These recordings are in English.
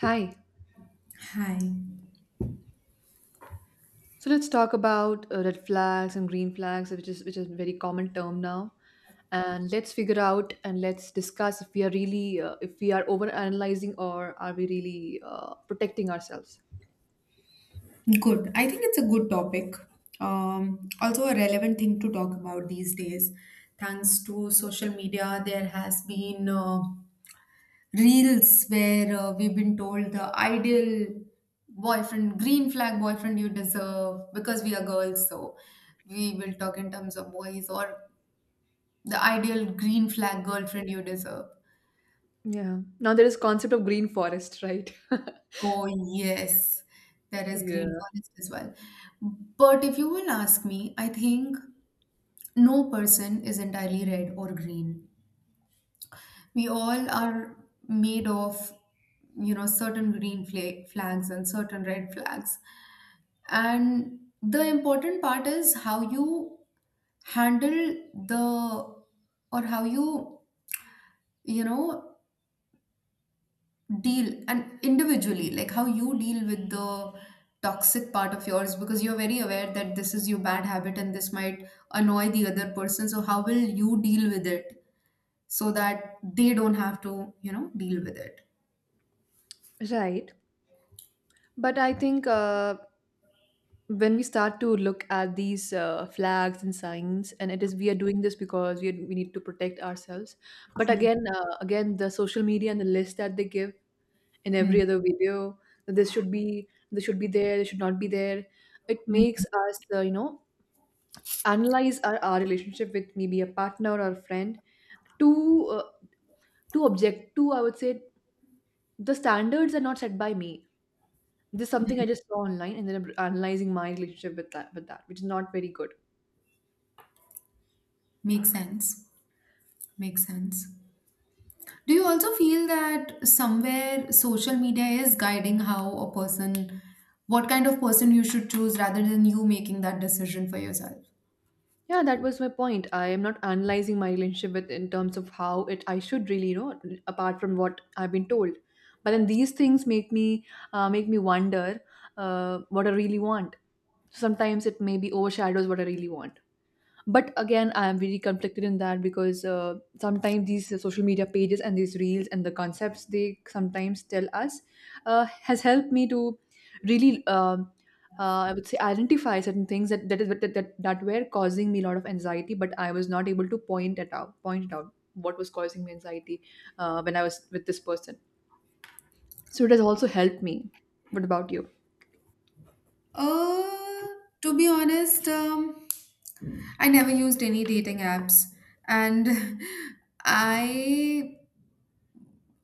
Hi. Hi. So let's talk about red flags and green flags, which is a very common term now. And let's figure out and let's discuss if we are really if we are over analyzing, or are we really protecting ourselves. Good, I think it's a good topic. Also, a relevant thing to talk about these days. Thanks to social media, there has been reels where we've been told the ideal boyfriend, green flag boyfriend you deserve because we are girls. So we will talk in terms of boys or the ideal green flag girlfriend you deserve. Yeah. Now there is concept of green forest, right? Oh, yes, there is green Yeah. forest as well. But if you will ask me, I think no person is entirely red or green. We all are made of, certain flags and certain red flags. And the important part is how you handle the, or how you, you know, deal and individually, like how you deal with the toxic part of yours because you're very aware that this is your bad habit and this might annoy the other person. So how will you deal with it, so that they don't have to, deal with it? Right. But I think when we start to look at these flags and signs, and it is we are doing this because we need to protect ourselves. But again, again, the social media and the list that they give in Hmm. every other video, that this should be, this should be there, this should not be there, it Hmm. makes us analyze our relationship with maybe a partner or a friend to uh, to object to, I would say. The standards are not set by me. This is something I just saw online, and then I'm analyzing my relationship with that, which is not very good. Makes sense. Makes sense. Do you also feel that somewhere social media is guiding how a person, what kind of person you should choose rather than you making that decision for yourself? Yeah, that was my point. I am not analyzing my relationship with, in terms of how it I should really, apart from what I've been told. But then these things make me wonder what I really want. Sometimes it maybe overshadows what I really want. But again, I am really conflicted in that, because sometimes these social media pages and these reels and the concepts they sometimes tell us has helped me to really I would say, identify certain things that that, is, that that that were causing me a lot of anxiety, but I was not able to point it out what was causing me anxiety when I was with this person. So it has also helped me. What about you? Uh, to be honest, I never used any dating apps, and I,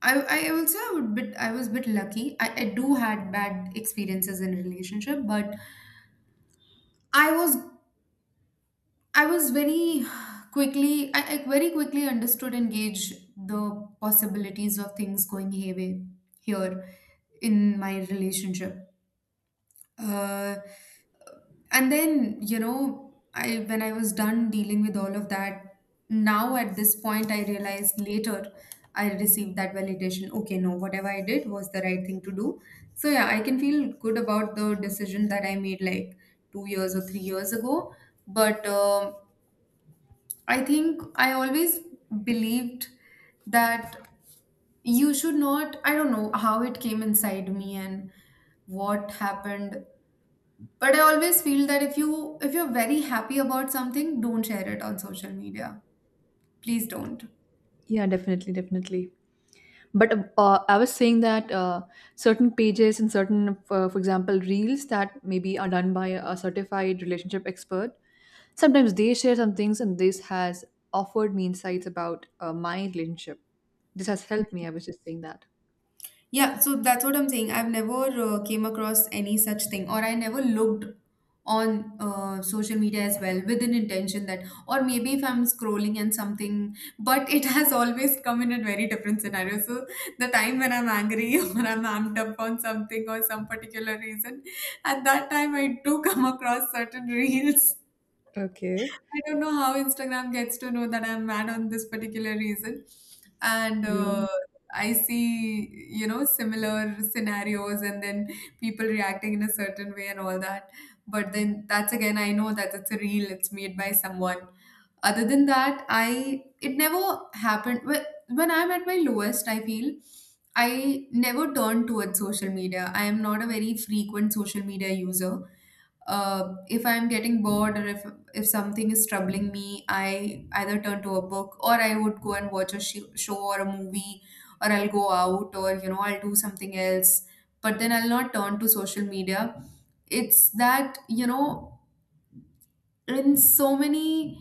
I also I would bit, I was a bit lucky. I do had bad experiences in relationship, but I was I was very quickly I very quickly understood and gauge the possibilities of things going hayway here in my relationship. Uh, and then you know I when I was done dealing with all of that, now at this point I realized later I received that validation. Okay, no, whatever I did was the right thing to do. So yeah, I can feel good about the decision that I made like 2 years or 3 years ago. But I think I always believed that you should not, I don't know how it came inside me and what happened, but I always feel that if you're very happy about something, don't share it on social media. Please don't. Yeah, definitely. But I was saying that certain pages and certain, for example, reels that maybe are done by a certified relationship expert, sometimes they share some things, and this has offered me insights about my relationship. This has helped me. I was just saying that. Yeah, so that's what I'm saying. I've never came across any such thing, or I never looked on social media as well with an intention that, or maybe if I'm scrolling and something, but it has always come in a very different scenario. So the time when I'm angry or I'm amped up on something or some particular reason, at that time I do come across certain reels. Okay. I don't know how Instagram gets to know that I'm mad on this particular reason. And Yeah. I see, you know, similar scenarios and then people reacting in a certain way and all that. But then that's again, I know that it's a reel, it's made by someone. Other than that, I it never happened. When I'm at my lowest, I feel I never turn towards social media. I am not a very frequent social media user. If I'm getting bored or if something is troubling me, I either turn to a book or I would go and watch a show or a movie or I'll go out or you know I'll do something else. But then I'll not turn to social media. It's that you know in so many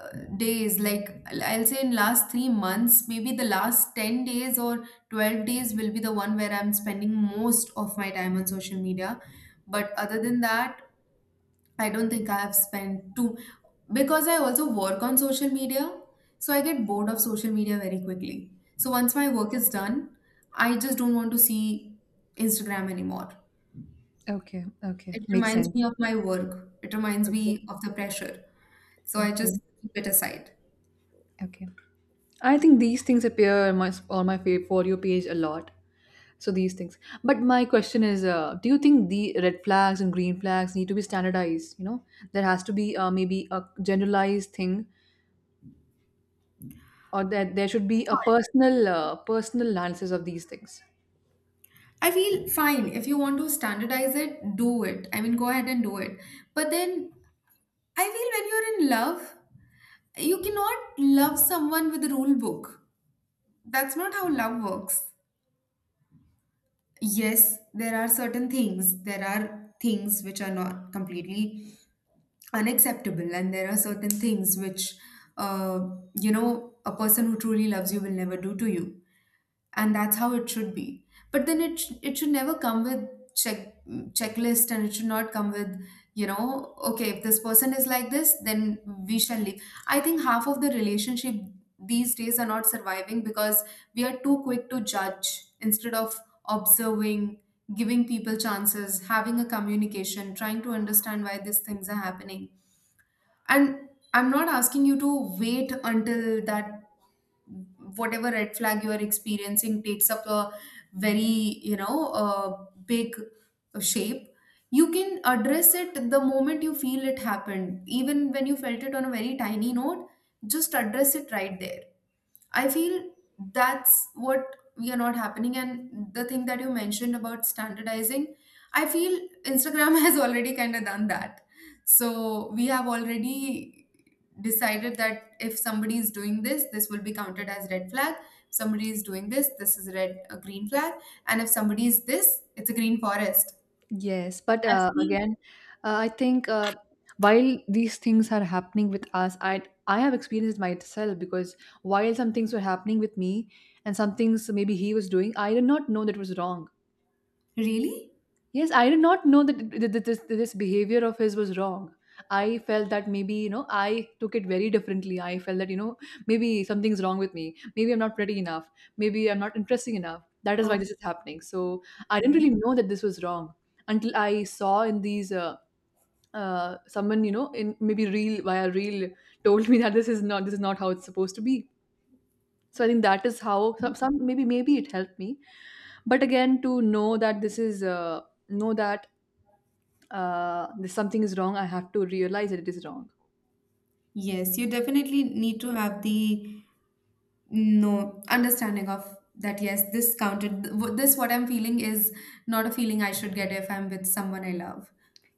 uh, days, like I'll say in last 3 months, maybe the last 10 days or 12 days will be the one where I'm spending most of my time on social media. But other than that, I don't think I have spent too, because I also work on social media, so I get bored of social media very quickly. So once my work is done, I just don't want to see Instagram anymore. Okay, okay, It makes reminds sense. me of my work. It reminds Okay. me of the pressure. So I just Okay. keep it aside. Okay. I think these things appear on my fa- for you page a lot. So these things. But my question is, do you think the red flags and green flags need to be standardized? You know, there has to be maybe a generalized thing, or that there should be a personal personal analysis of these things. I feel fine. If you want to standardize it, do it. I mean, go ahead and do it. But then I feel when you're in love, you cannot love someone with a rule book. That's not how love works. Yes, there are certain things. There are things which are not completely unacceptable, and there are certain things which, uh, you know, a person who truly loves you will never do to you, and that's how it should be. But then it it should never come with check checklist, and it should not come with, you know, okay, if this person is like this, then we shall leave. I think half of the relationship these days are not surviving because we are too quick to judge instead of observing, giving people chances, having a communication, trying to understand why these things are happening. And I'm not asking you to wait until that whatever red flag you are experiencing takes up a very, you know, big shape. You can address it the moment you feel it happened, even when you felt it on a very tiny note. Just address it right there. I feel that's what we are not happening. And the thing that you mentioned about standardizing, I feel Instagram has already kind of done that. So we have already decided that if somebody is doing this, this will be counted as red flag. Somebody is doing this, this is red a green flag. And if somebody is this, it's a green forest. Yes, but I have uh, seen. again, uh, I think while these things are happening with us, I have experienced myself, because while some things were happening with me and some things maybe he was doing, I did not know that was wrong. Really? Yes, I did not know that this behavior of his was wrong. I felt that, maybe, you know, I took it very differently. I felt that, you know, maybe something's wrong with me. Maybe I'm not pretty enough. Maybe I'm not interesting enough. That is why this is happening. So I didn't Okay. really know that this was wrong, until I saw in these someone, you know, in maybe real via real told me that this is not, this is not how it's supposed to be. So I think that is how some, maybe maybe it helped me. But again, to know that this is know that this, something is wrong, I have to realize that it is wrong. Yes, you definitely need to have the. No, understanding of that, yes, this counted. This, what I'm feeling, is not a feeling I should get if I'm with someone I love.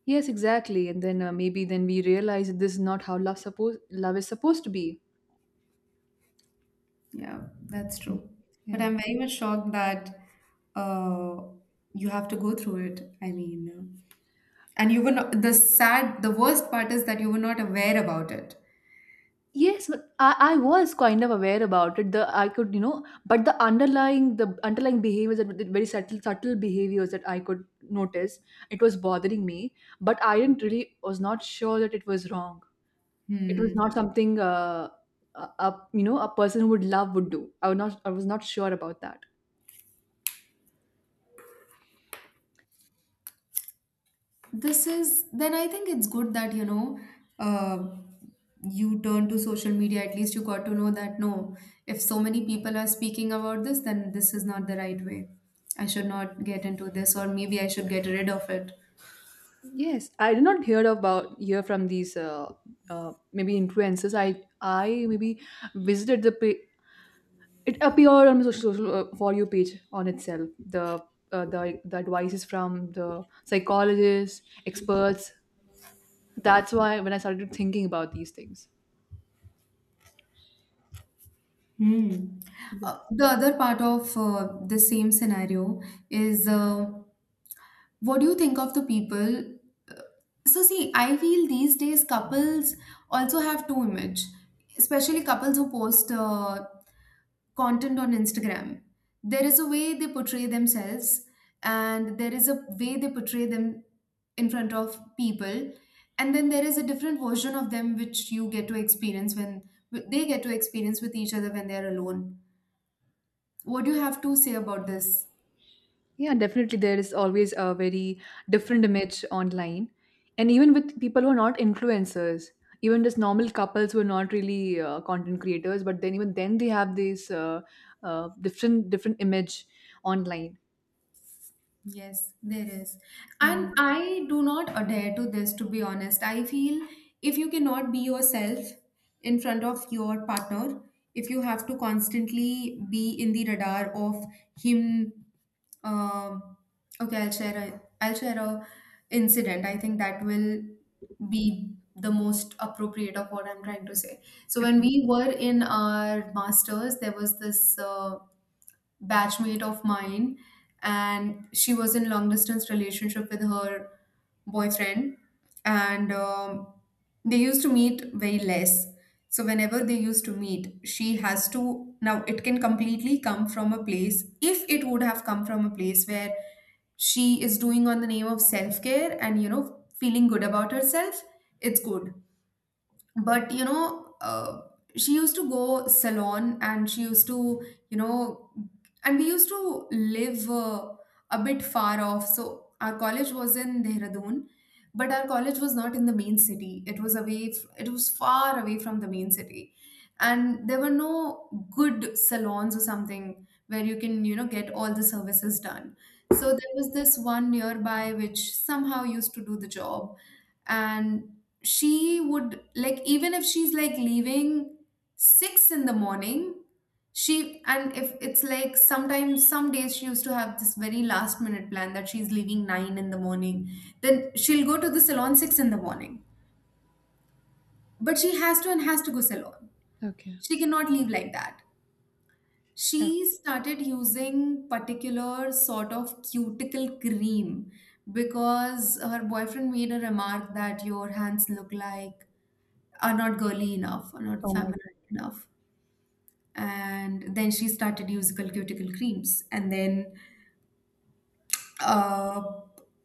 Yes, exactly. And then maybe then we realize that this is not how love suppose love is supposed to be. Yeah, that's true. But Yeah. I'm very much shocked that uh, you have to go through it. I mean, and you were not, the sad, the worst part is that you were not aware about it. Yes, but I was kind of aware about it. The I could, you know, but the underlying, the underlying behaviors, that the very subtle behaviors that I could notice, it was bothering me. But I didn't really, was not sure that it was wrong. It was Hmm. not something a you know, a person who would love would do. I was not sure about that. This is, then I think it's good that, you know, uh, you turn to social media. At least you got to know that no, if so many people are speaking about this, then this is not the right way. I should not get into this, or maybe I should get rid of it. Yes, I did not hear about, hear from these maybe influencers. I maybe visited the pa- it appeared on my social for you page on itself. The the advices from the psychologists, experts. That's why, when I started thinking about these things. Hmm. Yes. The other part of the same scenario is, what do you think of the people? uh, So, see, I feel these days couples also have two image, especially couples who post content on Instagram. There is a way they portray themselves, and there is a way they portray them in front of people. And then there is a different version of them which you get to experience when they get to experience with each other when they're alone. What do you have to say about this? Yeah, definitely. There is always a very different image online. And even with people who are not influencers, even just normal couples who are not really content creators, but then even then they have this different image online. Yes, there is. And Yeah. I do not adhere to this, to be honest. I feel if you cannot be yourself in front of your partner, if you have to constantly be in the radar of him, um, okay, I'll share a incident. I think that will be the most appropriate of what I'm trying to say. So when Okay. we were in our masters, there was this. Batchmate of mine, and she was in long distance relationship with her boyfriend, and they used to meet very less. So whenever they used to meet, she has to, now it can completely come from a place, if it would have come from a place where she is doing on the name of self care and, you know, feeling good about herself, it's good. But, you know, she used to go salon, and she used to, you know, and we used to live a bit far off. So our college was in Dehradun, but our college was not in the main city, it was away it was far away from the main city. And there were no good salons or something where you can, you know, get all the services done. So there was this one nearby which somehow used to do the job. And she would like, even if she's like leaving six in the morning, she, and if it's like sometimes some days she used to have this very last minute plan that she's leaving nine in the morning, then she'll go to the salon six in the morning. But she has to, and has to go salon, Okay. she cannot leave like that. Okay. She started using particular sort of cuticle cream because her boyfriend made a remark that your hands look like are not girly enough, are not Oh my God. feminine enough. And then she started using cuticle creams. And then uh,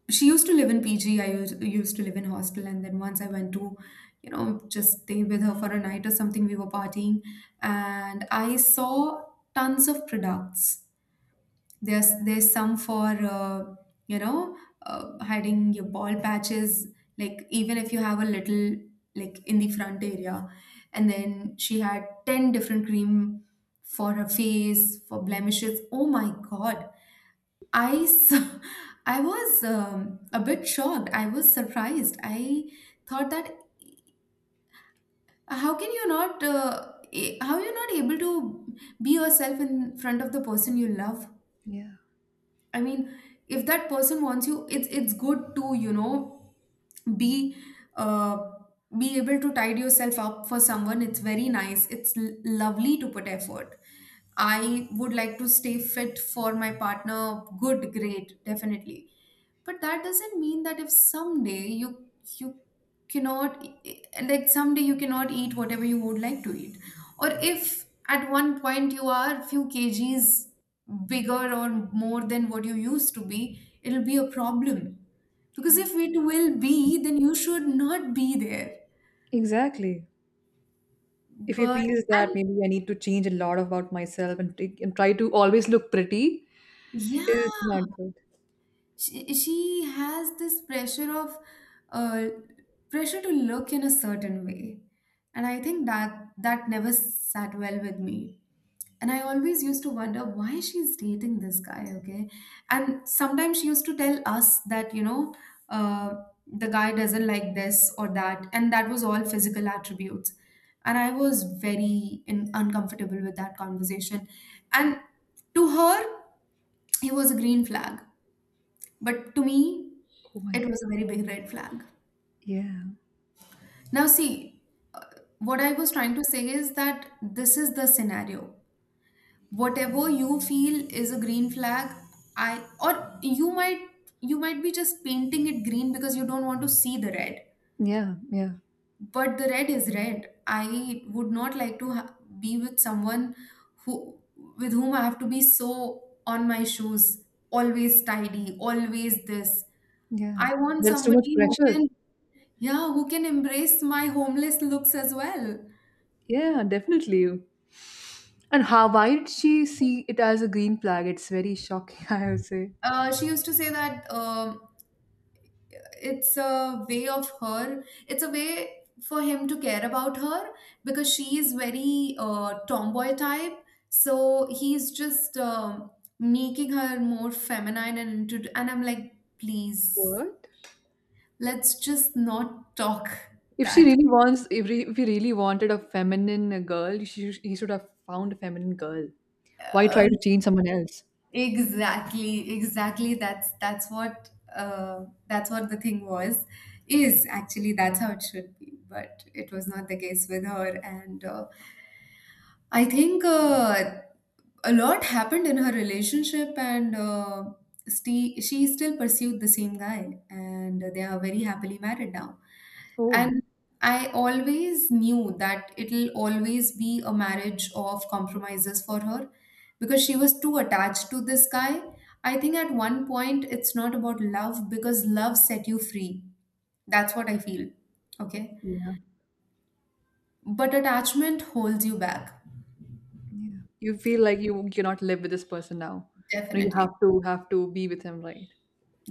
she used to live in PG. Used to live in hostel. And then once I went to, you know, just stay with her for a night or something, we were partying. And I saw tons of products. There's some for you know, hiding your ball patches, like even if you have a little, like in the front area. And then she had 10 different cream for her face, for blemishes. Oh my God! I s- I was a bit shocked. I was surprised. I thought that how can you not how you not able to be yourself in front of the person you love. Yeah. I mean, if that person wants you, it's good to be uh, be able to tide yourself up for someone. It's very nice. It's lovely to put effort. I would like to stay fit for my partner. Good, great, definitely, but that doesn't mean that if someday you cannot, like someday you cannot eat whatever you would like to eat, or if at one point you are few kgs bigger or more than what you used to be, it'll be a problem, because Yeah. if it will be, then you should not be there. Exactly. If he But feels that and, maybe I need to change a lot about myself, and take, and try to always look pretty, yeah, it's not good. she has this uh, pressure to look in a certain way, and I think that that never sat well with me. And I always used to wonder why she's dating this guy. Okay, and sometimes she used to tell us that uh, the guy doesn't like this or that, and that was all physical attributes. And I was very uncomfortable with that conversation. And to her he was a green flag, but to me, Oh my it God. was a very big red flag. Yeah. Now, see, what I was trying to say is that this is the scenario. Whatever you feel is a green flag, I or you might, you might be just painting it green because you don't want to see the red. Yeah. Yeah. But the red is red. I would not like to be with someone, who with whom I have to be so on my shoes, always tidy, always this. Yeah. I want There's too much somebody who pressure. can, yeah, who can embrace my homeless looks as well. Yeah, definitely. And how, why did she see it as a green flag? It's very shocking, I would say. She used to say that it's a way for him to care about her, because she is very tomboy type. So he's just making her more feminine and I'm like, please, What? let's just not talk If she that. really wants, if, re, if he really wanted a feminine girl, she, sh- he should have found a feminine girl. Why try to change someone else? Exactly, exactly. That's what the thing was, is actually that's how it should be. But it was not the case with her, and I think a lot happened in her relationship, and she still pursued the same guy, and they are very happily married now. Oh, And I always knew that it'll always be a marriage of compromises for her, because she was too attached to this guy. I think at one point it's not about love, because love set you free. That's what I feel. Okay, yeah. but attachment holds you back. Yeah. You feel like you cannot live with this person now. No, you Definitely. have to, have to be with him, right?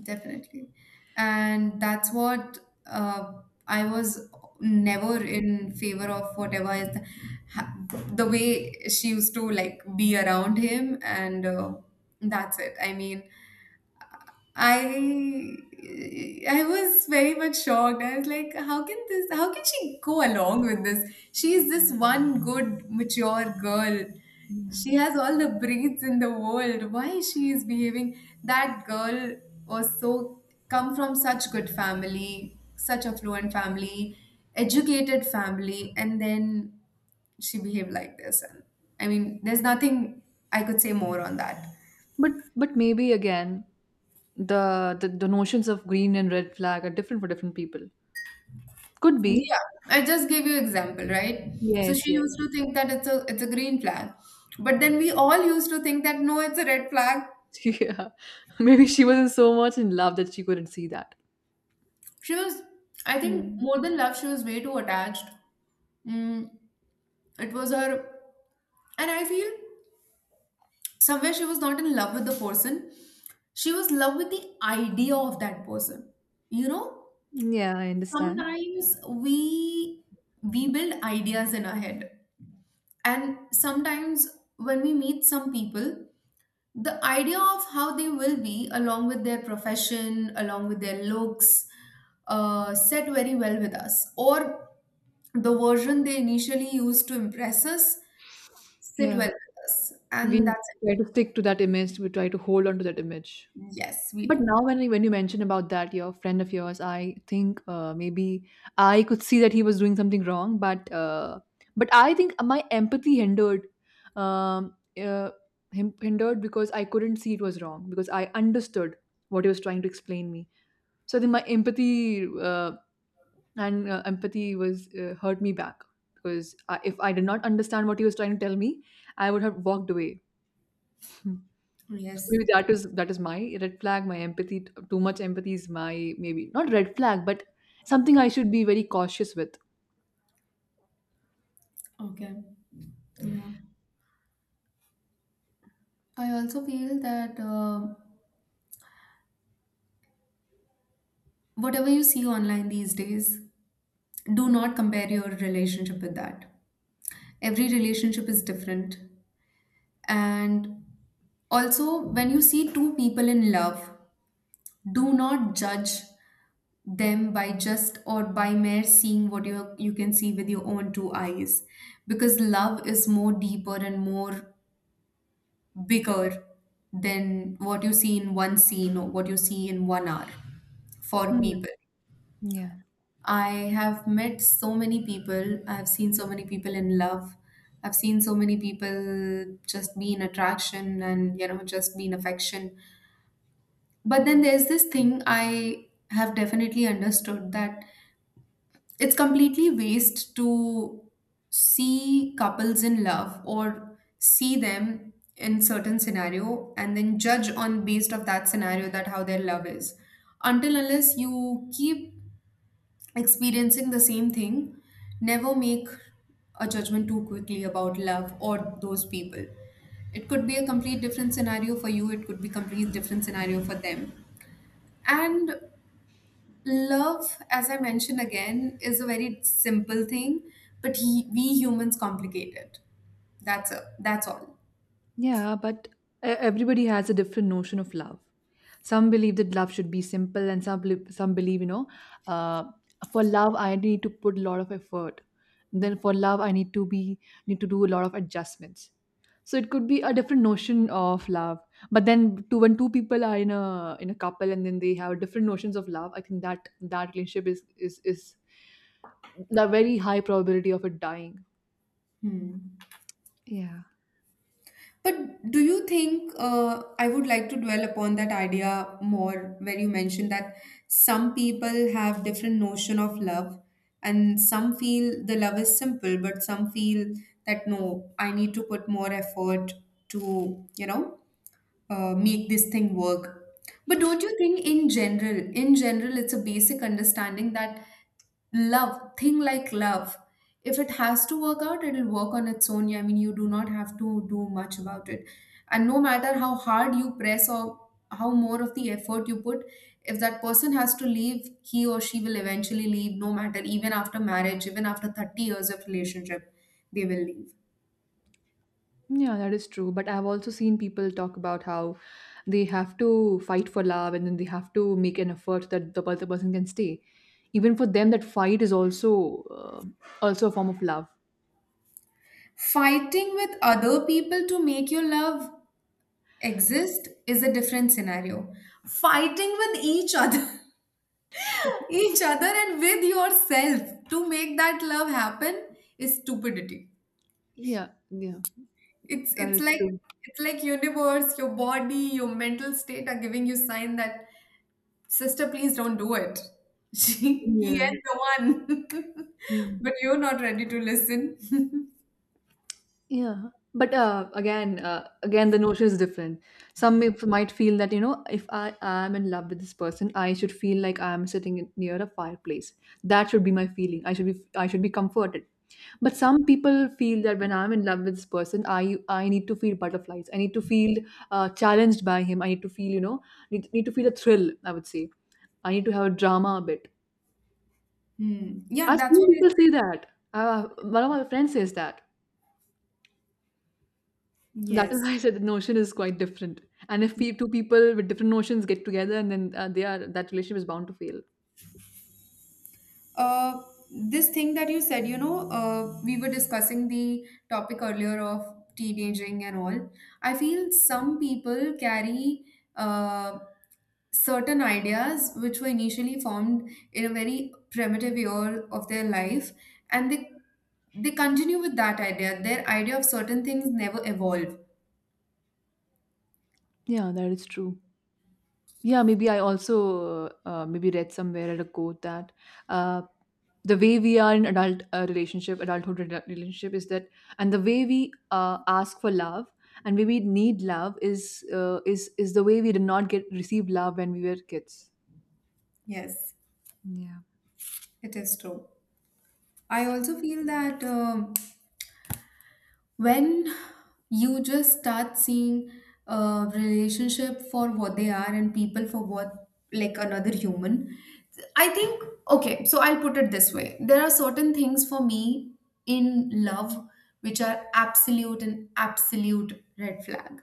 Definitely. And that's what, uh, I was never in favor of whatever is ha- the way she used to like be around him, and that's it. I mean, I I was very much shocked. I was like, how can she go along with this? She is this one good mature girl. Yeah. She has all the breeds in the world. Why she is behaving, that girl was so, come from such good family, such affluent family, educated family, and then she behaved like this. And I mean, there's nothing I could say more on that. But maybe again, the notions of green and red flag are different for different people. Could be. Yeah, I just gave you example, right? So Yes, she yes. used to think that it's a green flag, but then we all used to think that no, it's a red flag. Yeah. Maybe she wasn't so much in love that she couldn't see that. She was, I think, Mm. more than love, she was way too attached. Mm, it was her, and I feel somewhere she was not in love with the person. She was in love with the idea of that person. You know, Yeah, I understand. sometimes we build ideas in our head, and sometimes when we meet some people, the idea of how they will be, along with their profession, along with their looks, set very well with us, or the version they initially used to impress us sit Yeah. well with us, We and that's try it. to stick to that image. We try to hold on to that image. Yes, we But do. now, when you mention about that, your friend of yours, I think, maybe I could see that he was doing something wrong, but I think my empathy hindered, um, uh, him hindered, because I couldn't see it was wrong, because I understood what he was trying to explain me. So I think my empathy and empathy was hurt me back, because I, if I did not understand what he was trying to tell me, I would have walked away. Hmm. So Yes. maybe that is, that is my red flag. My empathy, t- too much empathy is my maybe not red flag, but something I should be very cautious with. Okay. Yeah, I also feel that, whatever you see online these days, do not compare your relationship with that. Every relationship is different. And also, when you see two people in love, do not judge them by just, or by mere seeing what you can see with your own two eyes, because love is more deeper and more bigger than what you see in one scene or what you see in 1 hour for Hmm. people. Yeah. I have met so many people. I've seen so many people in love. I've seen so many people just be in attraction and, just be in affection. But then there's this thing I have definitely understood, that it's completely waste to see couples in love or see them in certain scenario and then judge on based of that scenario that how their love is. Until unless you keep experiencing the same thing, never make a judgment too quickly about love or those people. It could be a complete different scenario for you, it could be complete different scenario for them. And love, as I mentioned again, is a very simple thing, but we humans complicate it. That's all. Yeah, but e- everybody has a different notion of love. Some believe that love should be simple, and some believe, some believe, you know, uh, for love I need to put a lot of effort. Then for love I need to be, need to do a lot of adjustments. So it could be a different notion of love. But then, two, when two people are in a, in a couple, and then they have different notions of love, I think that that relationship is the very high probability of it dying. Hmm. Yeah. But do you think, I would like to dwell upon that idea more, where you mentioned that some people have different notion of love, and some feel the love is simple, but some feel that no, I need to put more effort to, make this thing work. But don't you think in general, it's a basic understanding that love, thing like love, if it has to work out, it'll work on its own. Yeah, I mean, you do not have to do much about it. And no matter how hard you press or how more of the effort you put, if that person has to leave, he or she will eventually leave, no matter, even after marriage, even after 30 years of relationship, they will leave. Yeah, that is true. But I've also seen people talk about how they have to fight for love, and then they have to make an effort that the other person can stay. Even for them, that fight is also also a form of love. Fighting with other people to make your love exist is a different scenario. Fighting with each other, each other, and with yourself to make that love happen is stupidity. Yeah, yeah, It's that it's is like, true. it's like universe, your body, your mental state are giving you sign that sister, please don't do it. He Yeah, is the one, yeah. but you're not ready to listen. Yeah, but again, again, the notion is different. Some may, might feel that, you know, if I am in love with this person, I should feel like I am sitting in- near a fireplace. That should be my feeling. I should be comforted. But some people feel that when I'm in love with this person, I need to feel butterflies. I need to feel challenged by him. I need to feel, you know, need, need to feel a thrill. I would say, I need to have a drama a bit. Hmm. Yeah, I've that's seen what I people say that. One of my friends says that. said. So that is Yes. why I said the notion is quite different. And if pe- two people with different notions get together, and then they are, that relationship is bound to fail. Uh, this thing that you said, we were discussing the topic earlier of teenaging and all. I feel some people carry, uh, certain ideas which were initially formed in a very primitive year of their life, and they continue with that idea. Their idea of certain things never evolve. Yeah, that is true. Yeah, maybe I also maybe read somewhere at a quote that uh, the way we are in adult relationship, adulthood rela- relationship is that, and the way we ask for love and way we need love is is the way we did not get, receive love when we were kids. Yes, Yeah. it is true. I also feel that. When you just start seeing a relationship for what they are, and people for what, like another human, I think, okay, so I'll put it this way. There are certain things for me in love which are absolute and absolute red flag.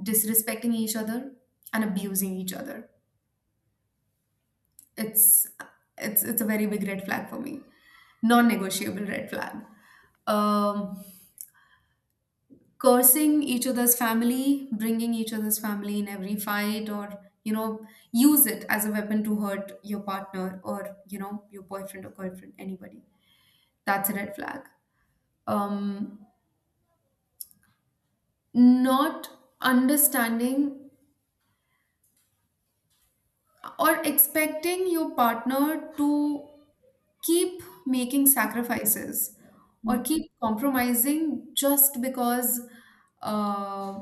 Disrespecting each other and abusing each other, it's it's a very big red flag for me. Non-negotiable red flag. Um cursing each other's family, bringing each other's family in every fight, or use it as a weapon to hurt your partner or your boyfriend or girlfriend, anybody. That's a red flag. Um, not understanding or expecting your partner to keep making sacrifices or keep compromising just because, uh,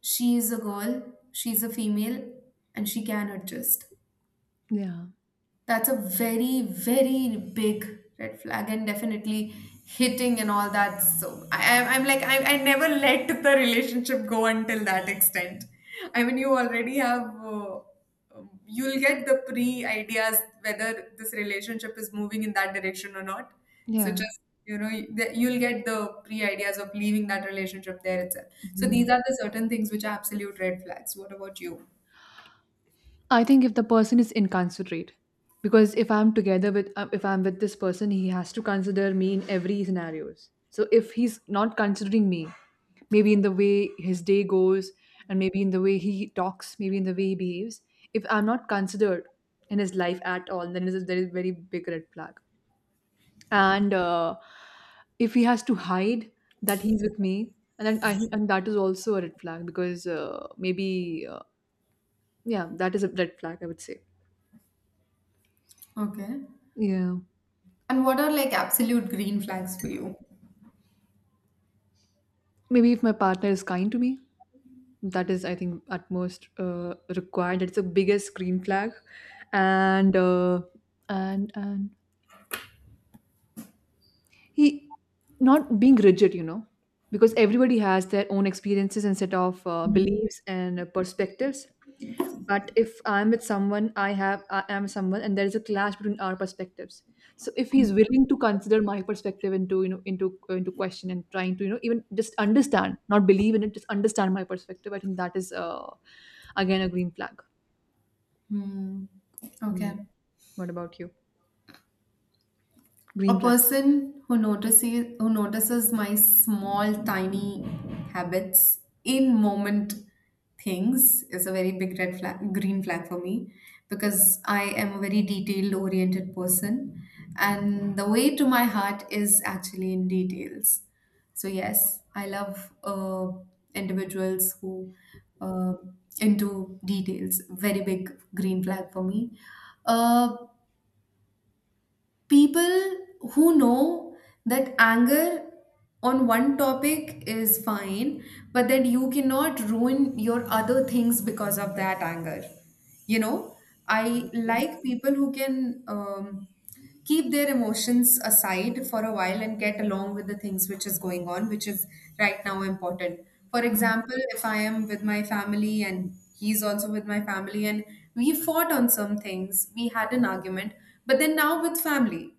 she is a girl, she's a female, and she can adjust. Yeah. That's a very, very big red flag, and definitely hitting and all that. So I, I'm like I never let the relationship go until that extent. I mean, you already have. You'll get the pre ideas whether this relationship is moving in that direction or not. So Yeah. just you'll get the pre ideas of leaving that relationship there itself. So these Mhm. are the certain things which are absolute red flags. What about you? I think if the person is inconsiderate, because if I'm together with if I'm with this person, he has to consider me in every scenarios. So if he's not considering me, maybe in the way his day goes, and maybe in the way he talks, maybe in the way he behaves, if I'm not considered in his life at all, then is there is a very big red flag. And if he has to hide that he's with me, and then I think, and that is also a red flag because maybe yeah, that is a red flag, I would say. Okay. Yeah. And what are like absolute green flags for you? Maybe if my partner is kind to me, that is, I think, at most required. It's the biggest green flag, and and he, not being rigid, you know, because everybody has their own experiences and set of beliefs and perspectives. But if I'm with someone, I have, I am someone and there is a clash between our perspectives, so if he's willing to consider my perspective into, you know, into question, and trying to, you know, even just understand, not believe in it, just understand my perspective, I think that is again a green flag. Hmm. Okay. Mm. What about you? A Green flags? person who notices my small, tiny habits in moment things is a very big green flag for me, because I am a very detail oriented person, and the way to my heart is actually in details. So yes, I love, individuals who, uh, into details. Very big green flag for me. Uh, people who know that anger on one topic is fine, but that you cannot ruin your other things because of that anger. You know, I like people who can, keep their emotions aside for a while and get along with the things which is going on, which is right now important. For example, if I am with my family and he's also with my family and we fought on some things, we had an argument, but then now with family.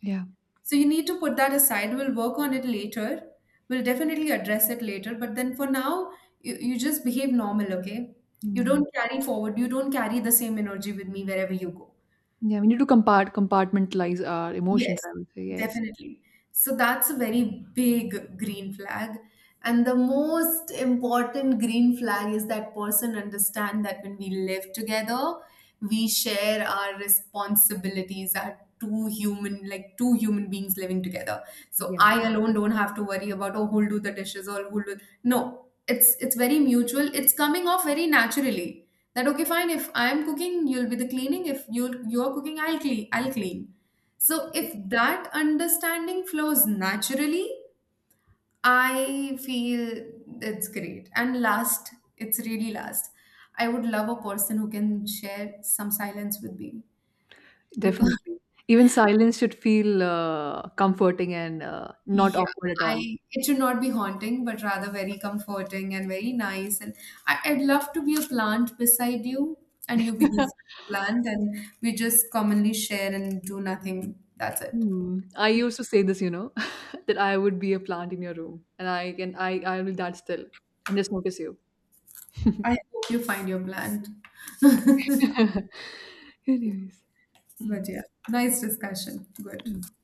Yeah. So you need to put that aside. We'll work on it later. We'll definitely address it later. But then for now, you just behave normal, okay? Mm, You yeah. don't carry forward. You don't carry the same energy with me wherever you go. Yeah, we need to compart, compartmentalize our emotions, Yes, I would say. Yes. definitely. So that's a very big green flag. And the most important green flag is that person understand that when we live together, we share our responsibilities, our two human, like two human beings living together. So Yeah. I alone don't have to worry about, oh, who'll do the dishes or who'll do. No, it's very mutual. It's coming off very naturally. That okay, fine, if I'm cooking, you'll be the cleaning. If you're cooking, I'll clean so if that understanding flows naturally, I feel it's great. And last, it's really last. I would love a person who can share some silence with me because Definitely, even silence should feel comforting and not yeah, awkward at all. I it should not be haunting, but rather very comforting and very nice. And I'd love to be a plant beside you, and you be this plant, and we just commonly share and do nothing. That's it. Hmm. I used to say this, you know, that I would be a plant in your room, and I can, I will that still and just notice you. I hope you find your plant. Anyways. But yeah, nice discussion. Good. Hmm.